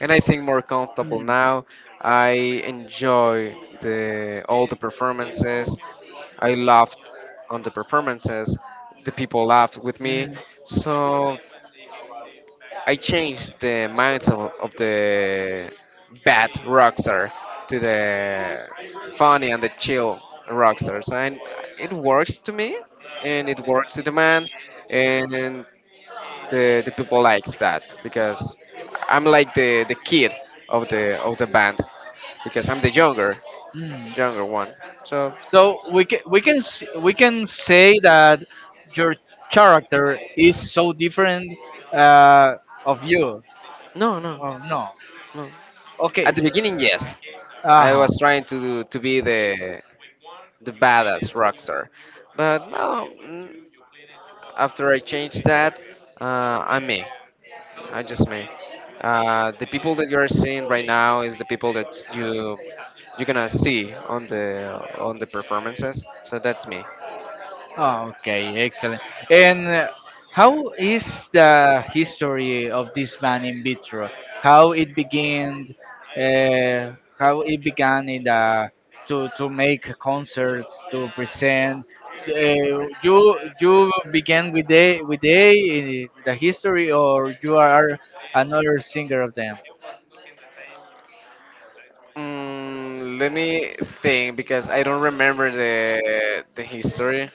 Speaker 2: And I think more comfortable
Speaker 1: Mm.
Speaker 2: now. I enjoy the all the performances. I laughed on the performances. The people laughed with me.
Speaker 1: Mm.
Speaker 2: So I changed the mindset of the bad rockstar to the funny and the chill rockstar. So it works to me, and it works to the man, and the people likes that because I'm like the kid of the band because I'm the
Speaker 1: Mm.
Speaker 2: younger one. So
Speaker 1: So we can we can say that your character is so different, uh, of you.
Speaker 2: no, no,
Speaker 1: Oh no.
Speaker 2: no.
Speaker 1: Okay.
Speaker 2: At the beginning, yes,
Speaker 1: Uh
Speaker 2: I
Speaker 1: huh.
Speaker 2: was trying to be the badass rockstar. But no, after I changed that, uh, I'm me. I'm just me. The people that you're seeing right now is the people that you're gonna see on the performances. So that's me.
Speaker 1: Oh, okay, excellent. And how is the history of this band In Vitro? How it began? How it began in the, to make concerts to present? Uh, you began with they, with they in the history, or you are another singer of them?
Speaker 2: Let me think because I don't remember the history.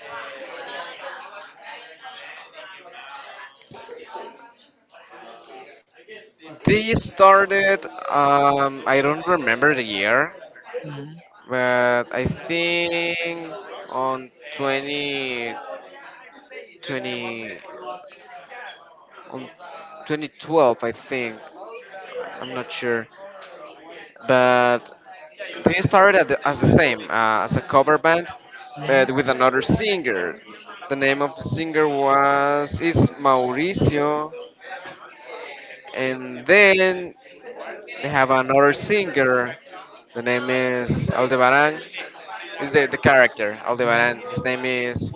Speaker 2: They started. I don't remember the year,
Speaker 1: Mhm.
Speaker 2: but I think on 20, 20 on 2012, I think. I'm not sure, but they started at as the same as a cover band, but with another singer. The name of the singer was is Mauricio, and then they have another singer. The name is Aldebaran. Is the character Aldebaran? His name is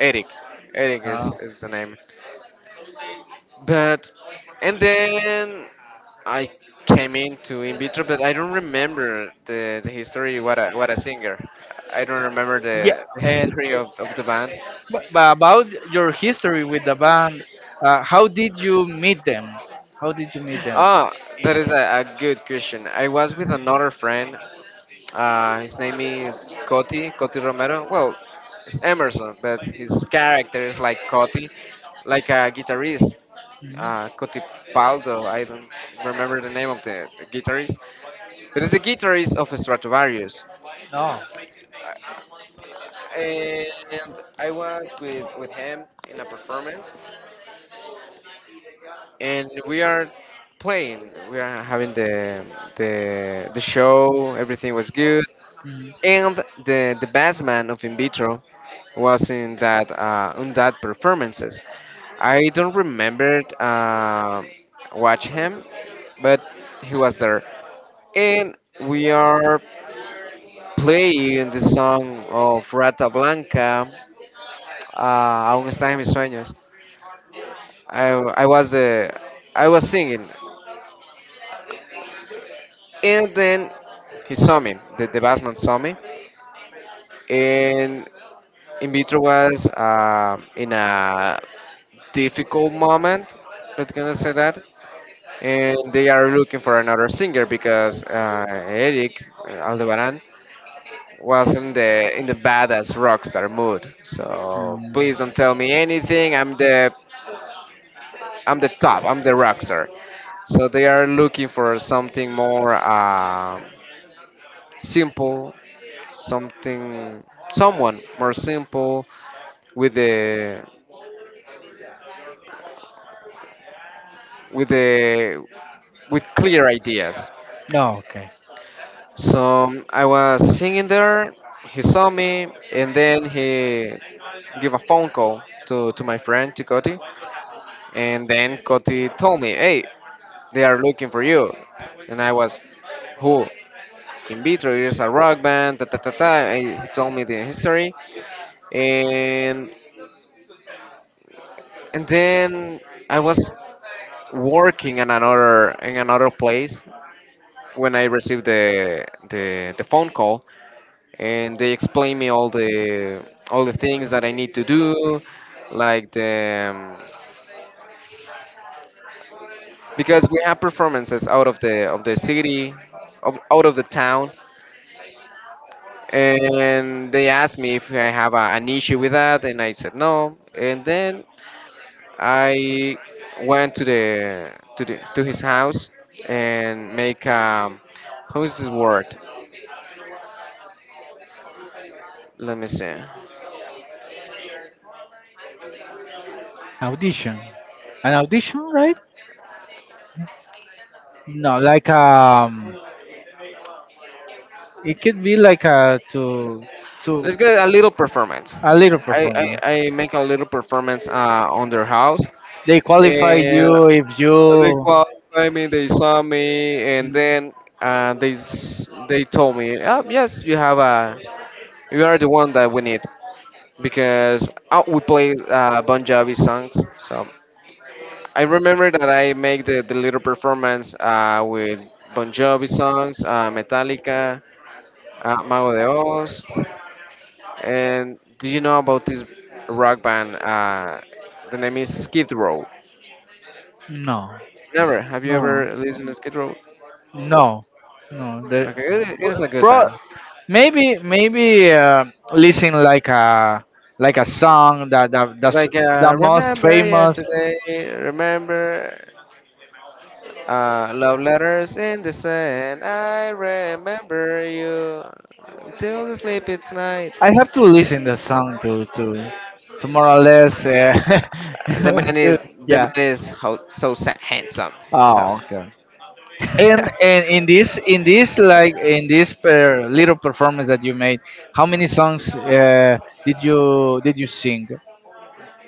Speaker 2: Eric. Eric is,
Speaker 1: Oh.
Speaker 2: is the name. But and then I came into in vitro, but I don't remember the history. What a singer! I don't remember
Speaker 1: Yeah,
Speaker 2: the
Speaker 1: and
Speaker 2: history of the band.
Speaker 1: but about your history with the band, how did you meet them? How did you meet them?
Speaker 2: Ah, that is a good question. I was with another friend. His name is Coti Romero. Well, it's Emerson, but his character is like Coti, like a guitarist.
Speaker 1: Mhm.
Speaker 2: Coti Paldo, I don't remember the name of the guitarist, but it's the guitarist of Stratovarius.
Speaker 1: No.
Speaker 2: And I was with him in a performance, and we are playing. We are having the show. Everything was good,
Speaker 1: Mhm.
Speaker 2: and the best man of In Vitro was in that on that performances. I don't remember watch him, but he was there, and we are playing the song of Rata Blanca, Aún está en mis sueños. I, I was the I was singing. And then he saw me, the bassman saw me, and in vitro was in a difficult moment, let's gonna say that. And they are looking for another singer because Eric Aldebaran was in the badass rockstar mood. So
Speaker 1: Mm.
Speaker 2: please don't tell me anything. I'm the top. I'm the rockstar. So they are looking for something more simple, something someone more simple with the with the with clear ideas.
Speaker 1: No, okay.
Speaker 2: So I was singing there. He saw me, and then he gave a phone call to my friend, to Cody. And then Coti told me, hey, they are looking for you. And I was, who? In Vitro is a rock band, ta, ta, ta, ta. And he told me the history. and and then I was working in another place when I received the phone call, and they explained me all the things that I need to do like the um, because we have performances out of the city out of the town. And they asked me if I have an issue with that, and I said no. And then I went to his house and make how is this word? Let me see.
Speaker 1: Audition. An audition, right? No, like, it could be like a to
Speaker 2: Let's get a little performance.
Speaker 1: a little performer.
Speaker 2: I make a little performance on their house,
Speaker 1: They qualify
Speaker 2: and
Speaker 1: you if
Speaker 2: they
Speaker 1: you.
Speaker 2: qualified me. They saw me, and then they told me, oh, yes, you are the one that we need because we play Bon Jovi songs. So I remember that I make the little performance with Bon Jovi songs, Metallica, Mago de Oz, and do you know about this rock band? The name is Skid Row.
Speaker 1: No,
Speaker 2: Never. Have you
Speaker 1: no.
Speaker 2: ever listened to Skid Row?
Speaker 1: No, no. The,
Speaker 2: Okay, it is a good
Speaker 1: pro,
Speaker 2: band.
Speaker 1: maybe listen like a song that
Speaker 2: It's
Speaker 1: that's
Speaker 2: like
Speaker 1: the most
Speaker 2: Remember
Speaker 1: famous.
Speaker 2: Yesterday, Remember Love Letters in the Sand, I Remember You Till the Sleep It's Night.
Speaker 1: I have to listen the song to to more or less.
Speaker 2: The man is the
Speaker 1: Yeah.
Speaker 2: man is so handsome. Is up.
Speaker 1: Oh, okay. And in this like in this per, little performance that you made, how many songs did you sing,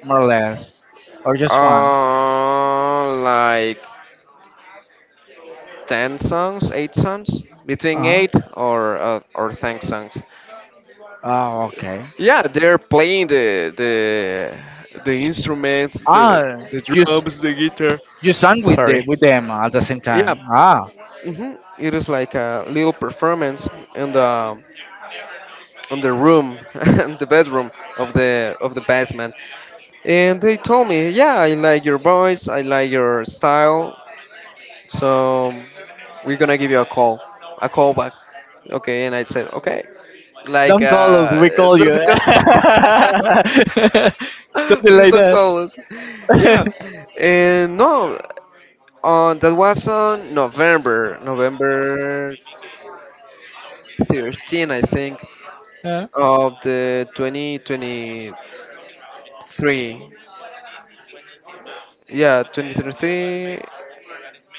Speaker 1: more or less, or just one?
Speaker 2: Oh, like 10 songs, eight songs,
Speaker 1: Uh
Speaker 2: between
Speaker 1: huh.
Speaker 2: eight or 10 songs.
Speaker 1: Oh, okay.
Speaker 2: Yeah, they're playing the instruments,
Speaker 1: Ah,
Speaker 2: the
Speaker 1: just,
Speaker 2: drums, the guitar.
Speaker 1: you sang with
Speaker 2: Sorry.
Speaker 1: the with them at the same
Speaker 2: Yeah,
Speaker 1: time. Ah,
Speaker 2: it is like a little performance in the room, in the bedroom of the basement. And they told me, yeah, I like your voice, I like your style, so we're gonna give you a call back. Okay, and I said, okay. Like,
Speaker 1: don't call us, we call you.
Speaker 2: don't call.
Speaker 1: Something
Speaker 2: Please
Speaker 1: like
Speaker 2: don't
Speaker 1: that.
Speaker 2: call us. Yeah, and no, on that was on November, 13, I think, of the 2023. Yeah, 2023.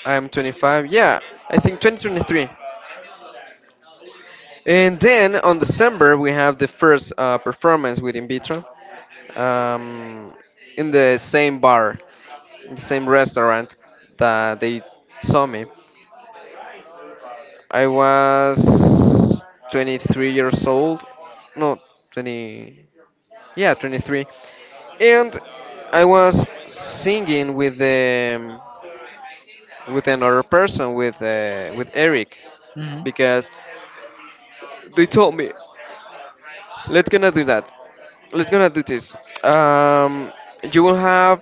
Speaker 2: I'm 25. Yeah, I think 2023. And then on December we have the first performance with In Vitro, um, in the same bar, in the same restaurant that they saw me. I was 23 years old, no, 20, yeah, 23, and I was singing with another person with Eric
Speaker 1: Hmm.
Speaker 2: because they told me, let's gonna do that. Let's gonna do this. Um, you will have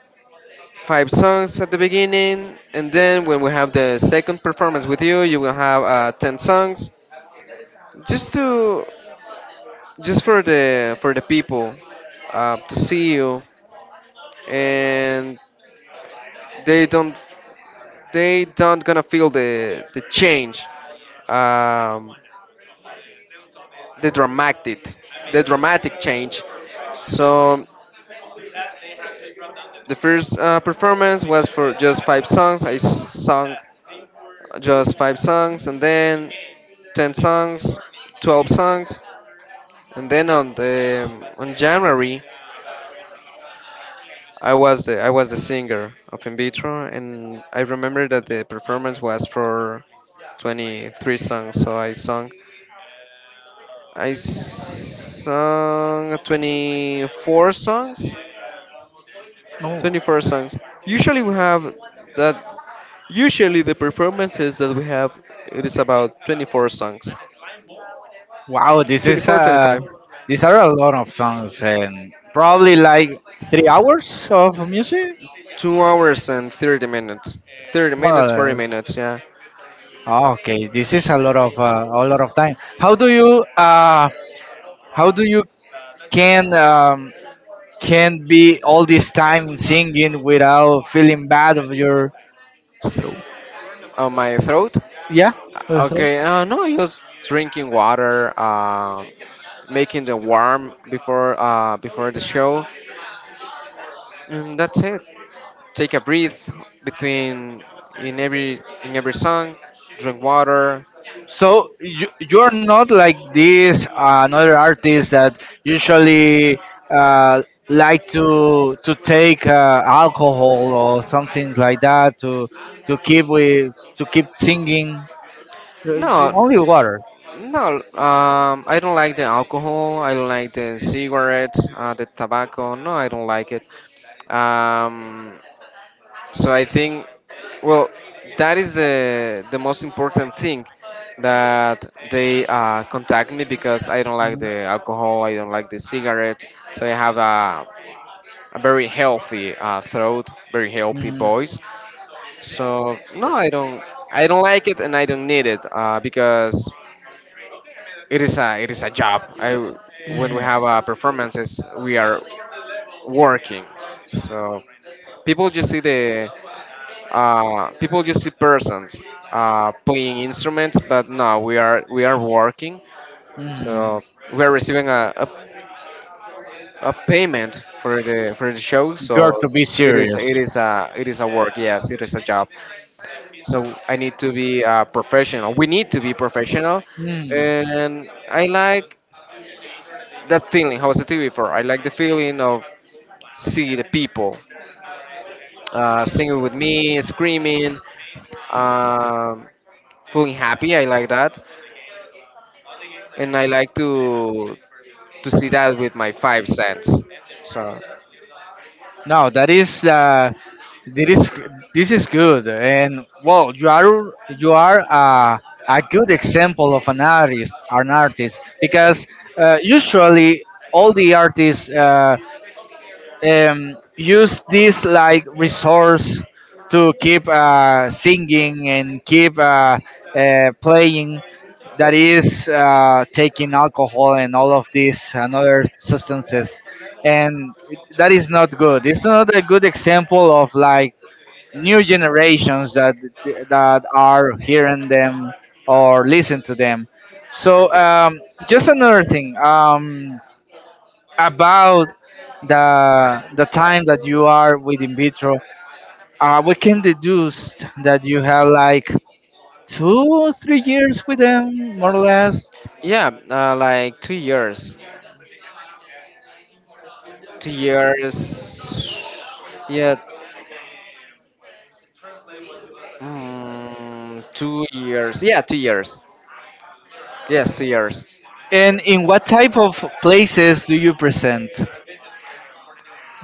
Speaker 2: five songs at the beginning, and then when we have the second performance with you, you will have 10 songs, just to just for the people to see you, and they don't they don't gonna feel the change, um, the dramatic the dramatic change. So the first performance was for just five songs. I sung just five songs, and then 10 songs, 12 songs, and then on the on January, I was the singer of In Vitro, and I remember that the performance was for 23 songs. So I sung 24 songs,
Speaker 1: Oh,
Speaker 2: 24 songs. Usually we have that Usually the performances that we have, it is about 24 songs.
Speaker 1: wow! This is
Speaker 2: 24, 25.
Speaker 1: these are a lot of songs and probably like 3 hours of music,
Speaker 2: 2 hours and 30 minutes. 30
Speaker 1: more or
Speaker 2: minutes, 40
Speaker 1: less.
Speaker 2: minutes, yeah.
Speaker 1: Ah, okay, this is a lot of time. How do you can, can't be all this time singing without feeling bad of your.
Speaker 2: Throat. On my throat.
Speaker 1: Yeah, that's right.
Speaker 2: Okay, no, just drinking water, making the warm before the show. And that's it. Take a breath between in every song, drink water.
Speaker 1: So you, you're not like this, another artist that usually uh, like to take alcohol or something like that to keep with to keep singing. Uh,
Speaker 2: No,
Speaker 1: only water.
Speaker 2: no, I don't like the alcohol. I don't like the cigarettes, the tobacco. No, I don't like it. Um, so I think, well, that is the most important thing that they contact me because I don't like
Speaker 1: Mhm.
Speaker 2: the alcohol. I don't like the cigarettes. So I have a very healthy throat, very healthy
Speaker 1: Mhm.
Speaker 2: voice. So no, I don't. I don't like it, and I don't need it because it is a job. I When we
Speaker 1: Mhm.
Speaker 2: have performances, we are working. So people just see the people just see persons playing instruments, but no, we are working.
Speaker 1: Mhm.
Speaker 2: So we are receiving a payment for the show.
Speaker 1: You're
Speaker 2: So
Speaker 1: to be
Speaker 2: it is
Speaker 1: serious.
Speaker 2: it is a it is a work. Yes, it is a job. So I need to be professional. We need to be professional,
Speaker 1: Mm.
Speaker 2: and I like that feeling how I said to you before. I like the feeling of see the people singing with me, screaming, um, feeling happy. I like that, and I like to see that with my 5 cents. So
Speaker 1: No, that is that is this is good, and well, you are a good example of an artist, because usually all the artists. Use this like resource to keep singing and keep playing, that is taking alcohol and all of these and other substances, and that is not good, it's not a good example of like new generations that that are hearing them or listen to them. So, just another thing, about the time that you are with In Vitro, we can deduce that you have like two, 3 years with them, more or less.
Speaker 2: yeah, like 2 years, 2 years, yeah, 2 years, yeah, 2 years, yes, 2 years.
Speaker 1: And in what type of places do you present?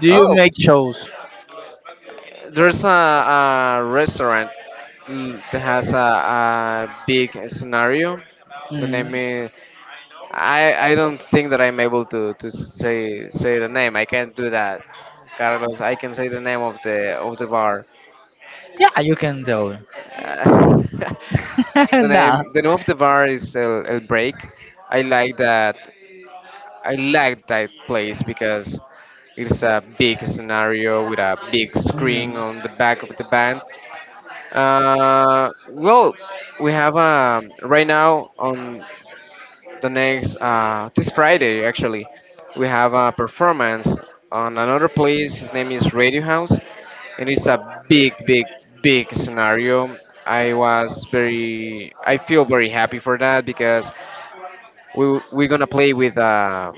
Speaker 1: Do you
Speaker 2: Oh,
Speaker 1: make shows?
Speaker 2: there's a restaurant, that has a big scenario. The name
Speaker 1: Mhm.
Speaker 2: is I don't think that I'm able to say the name. I can't do that, Carlos. I can say the name of the bar.
Speaker 1: Yeah, you can tell.
Speaker 2: Uh, the
Speaker 1: No.
Speaker 2: name the name of the bar is El Break. I like that. I like that place because it's a big scenario with a big
Speaker 1: Mm.
Speaker 2: screen on the back of the band. Well, we have right now on the next this Friday, actually, we have a performance on another place. His name is Radio House. It is a big scenario. I feel very happy for that because we're gonna play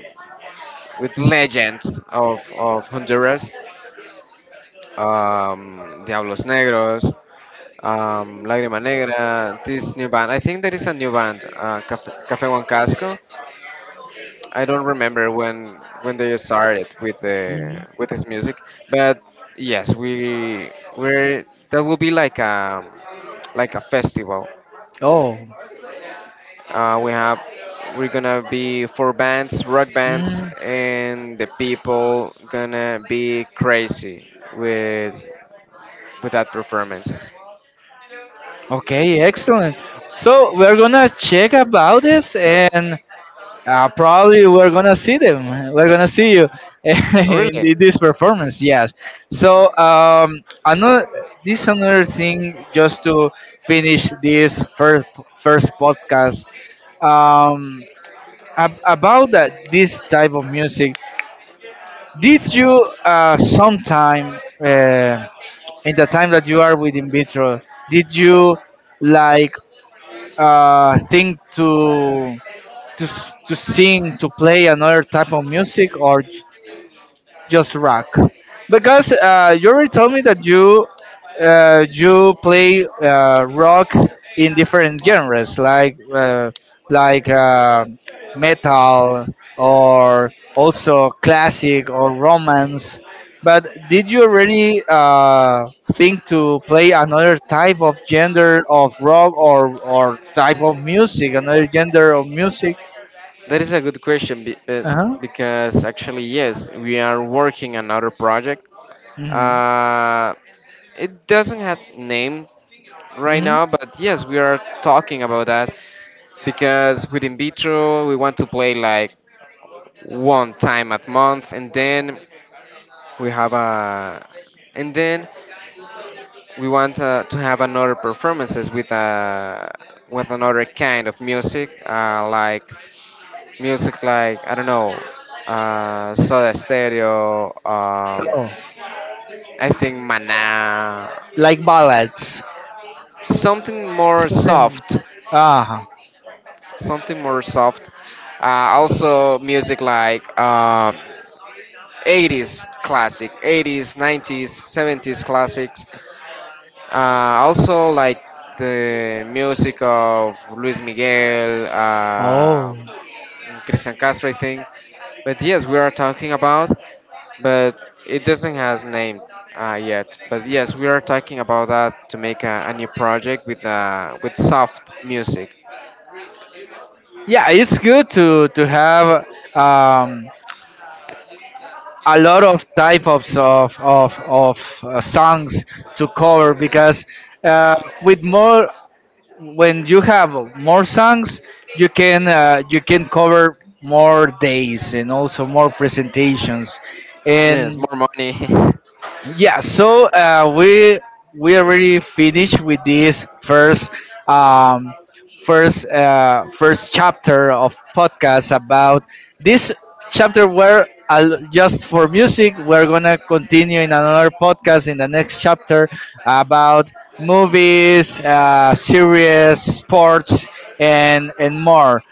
Speaker 2: with legends of Honduras, Diablos Negros, Lágrima Negra, this new band. I think there is a new band, Café Juan Casco. I don't remember when they started with
Speaker 1: Mm.
Speaker 2: the with this music, but yes, we we're that will be like a festival.
Speaker 1: Oh.
Speaker 2: We have we're gonna be four bands, rock bands,
Speaker 1: Mm.
Speaker 2: and the people gonna be crazy with that performances.
Speaker 1: Okay, excellent. So we're gonna check about this and, probably we're gonna see them. We're gonna see you
Speaker 2: Oh,
Speaker 1: in
Speaker 2: really?
Speaker 1: this performance. Yes. So, another, this another thing just to finish this first first podcast, um, about that this type of music. Did you sometime, uh, in the time that you are with In Vitro, did you like think to to sing, to play another type of music, or just rock? Because you already told me that you you play rock in different genres, like like uh, metal or also classic or romance. But did you already think to play another type of gender of rock, or type of music, another gender of music?
Speaker 2: That is a good question because actually, yes, we are working another project.
Speaker 1: Mm-hmm.
Speaker 2: Uh, it doesn't have name right
Speaker 1: Mm-hmm.
Speaker 2: now, but yes, we are talking about that because with in vitro we want to play like one time a month, and then we have a, and then we want to have another performances with a with another kind of music, like music like I don't know, Soda Stereo.
Speaker 1: Oh,
Speaker 2: I think Mana,
Speaker 1: like ballads.
Speaker 2: something more
Speaker 1: Something.
Speaker 2: soft,
Speaker 1: Ah.
Speaker 2: something more soft. Also music like 80s classic, 80s, 90s, 70s classics. Also like the music of Luis Miguel.
Speaker 1: Oh.
Speaker 2: And Christian Castro, I think. But yes, we are talking about, but it doesn't has name yet. But yes, we are talking about that to make a new project with soft music.
Speaker 1: Yeah, it's good to have, um, a lot of types of songs to cover, because uh, with more, when you have more songs, you can cover more days and also more presentations,
Speaker 2: Yes,
Speaker 1: and
Speaker 2: more money.
Speaker 1: yeah. So we already finished with this first, um, first first chapter of podcast about this chapter, where just for music. We're gonna continue in another podcast in the next chapter about movies, series, sports, and more.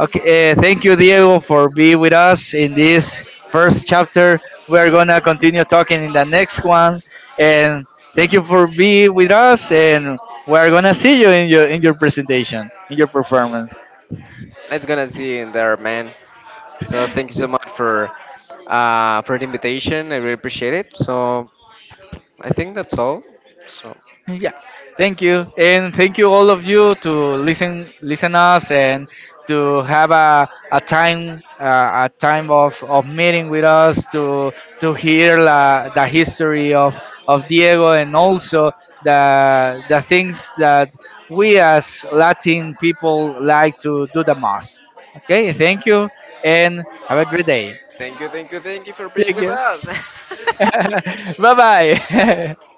Speaker 1: Okay, thank you, Diego, for being with us in this first chapter. We are gonna continue talking in the next one, and thank you for being with us. And we are gonna see you in your presentation, in your performance.
Speaker 2: Let's gonna see you in there, man. So thank you so much for the invitation. I really appreciate it. So I think that's all. So
Speaker 1: Yeah, thank you, and thank you all of you to listen, listen us, and to have a time, a time of meeting with us to hear la, the history of Diego and also the things that we as Latin people like to do the most. Okay, thank you, and have a great day.
Speaker 2: thank you, thank you, thank you for being
Speaker 1: Thank
Speaker 2: with
Speaker 1: you.
Speaker 2: us.
Speaker 1: Bye bye.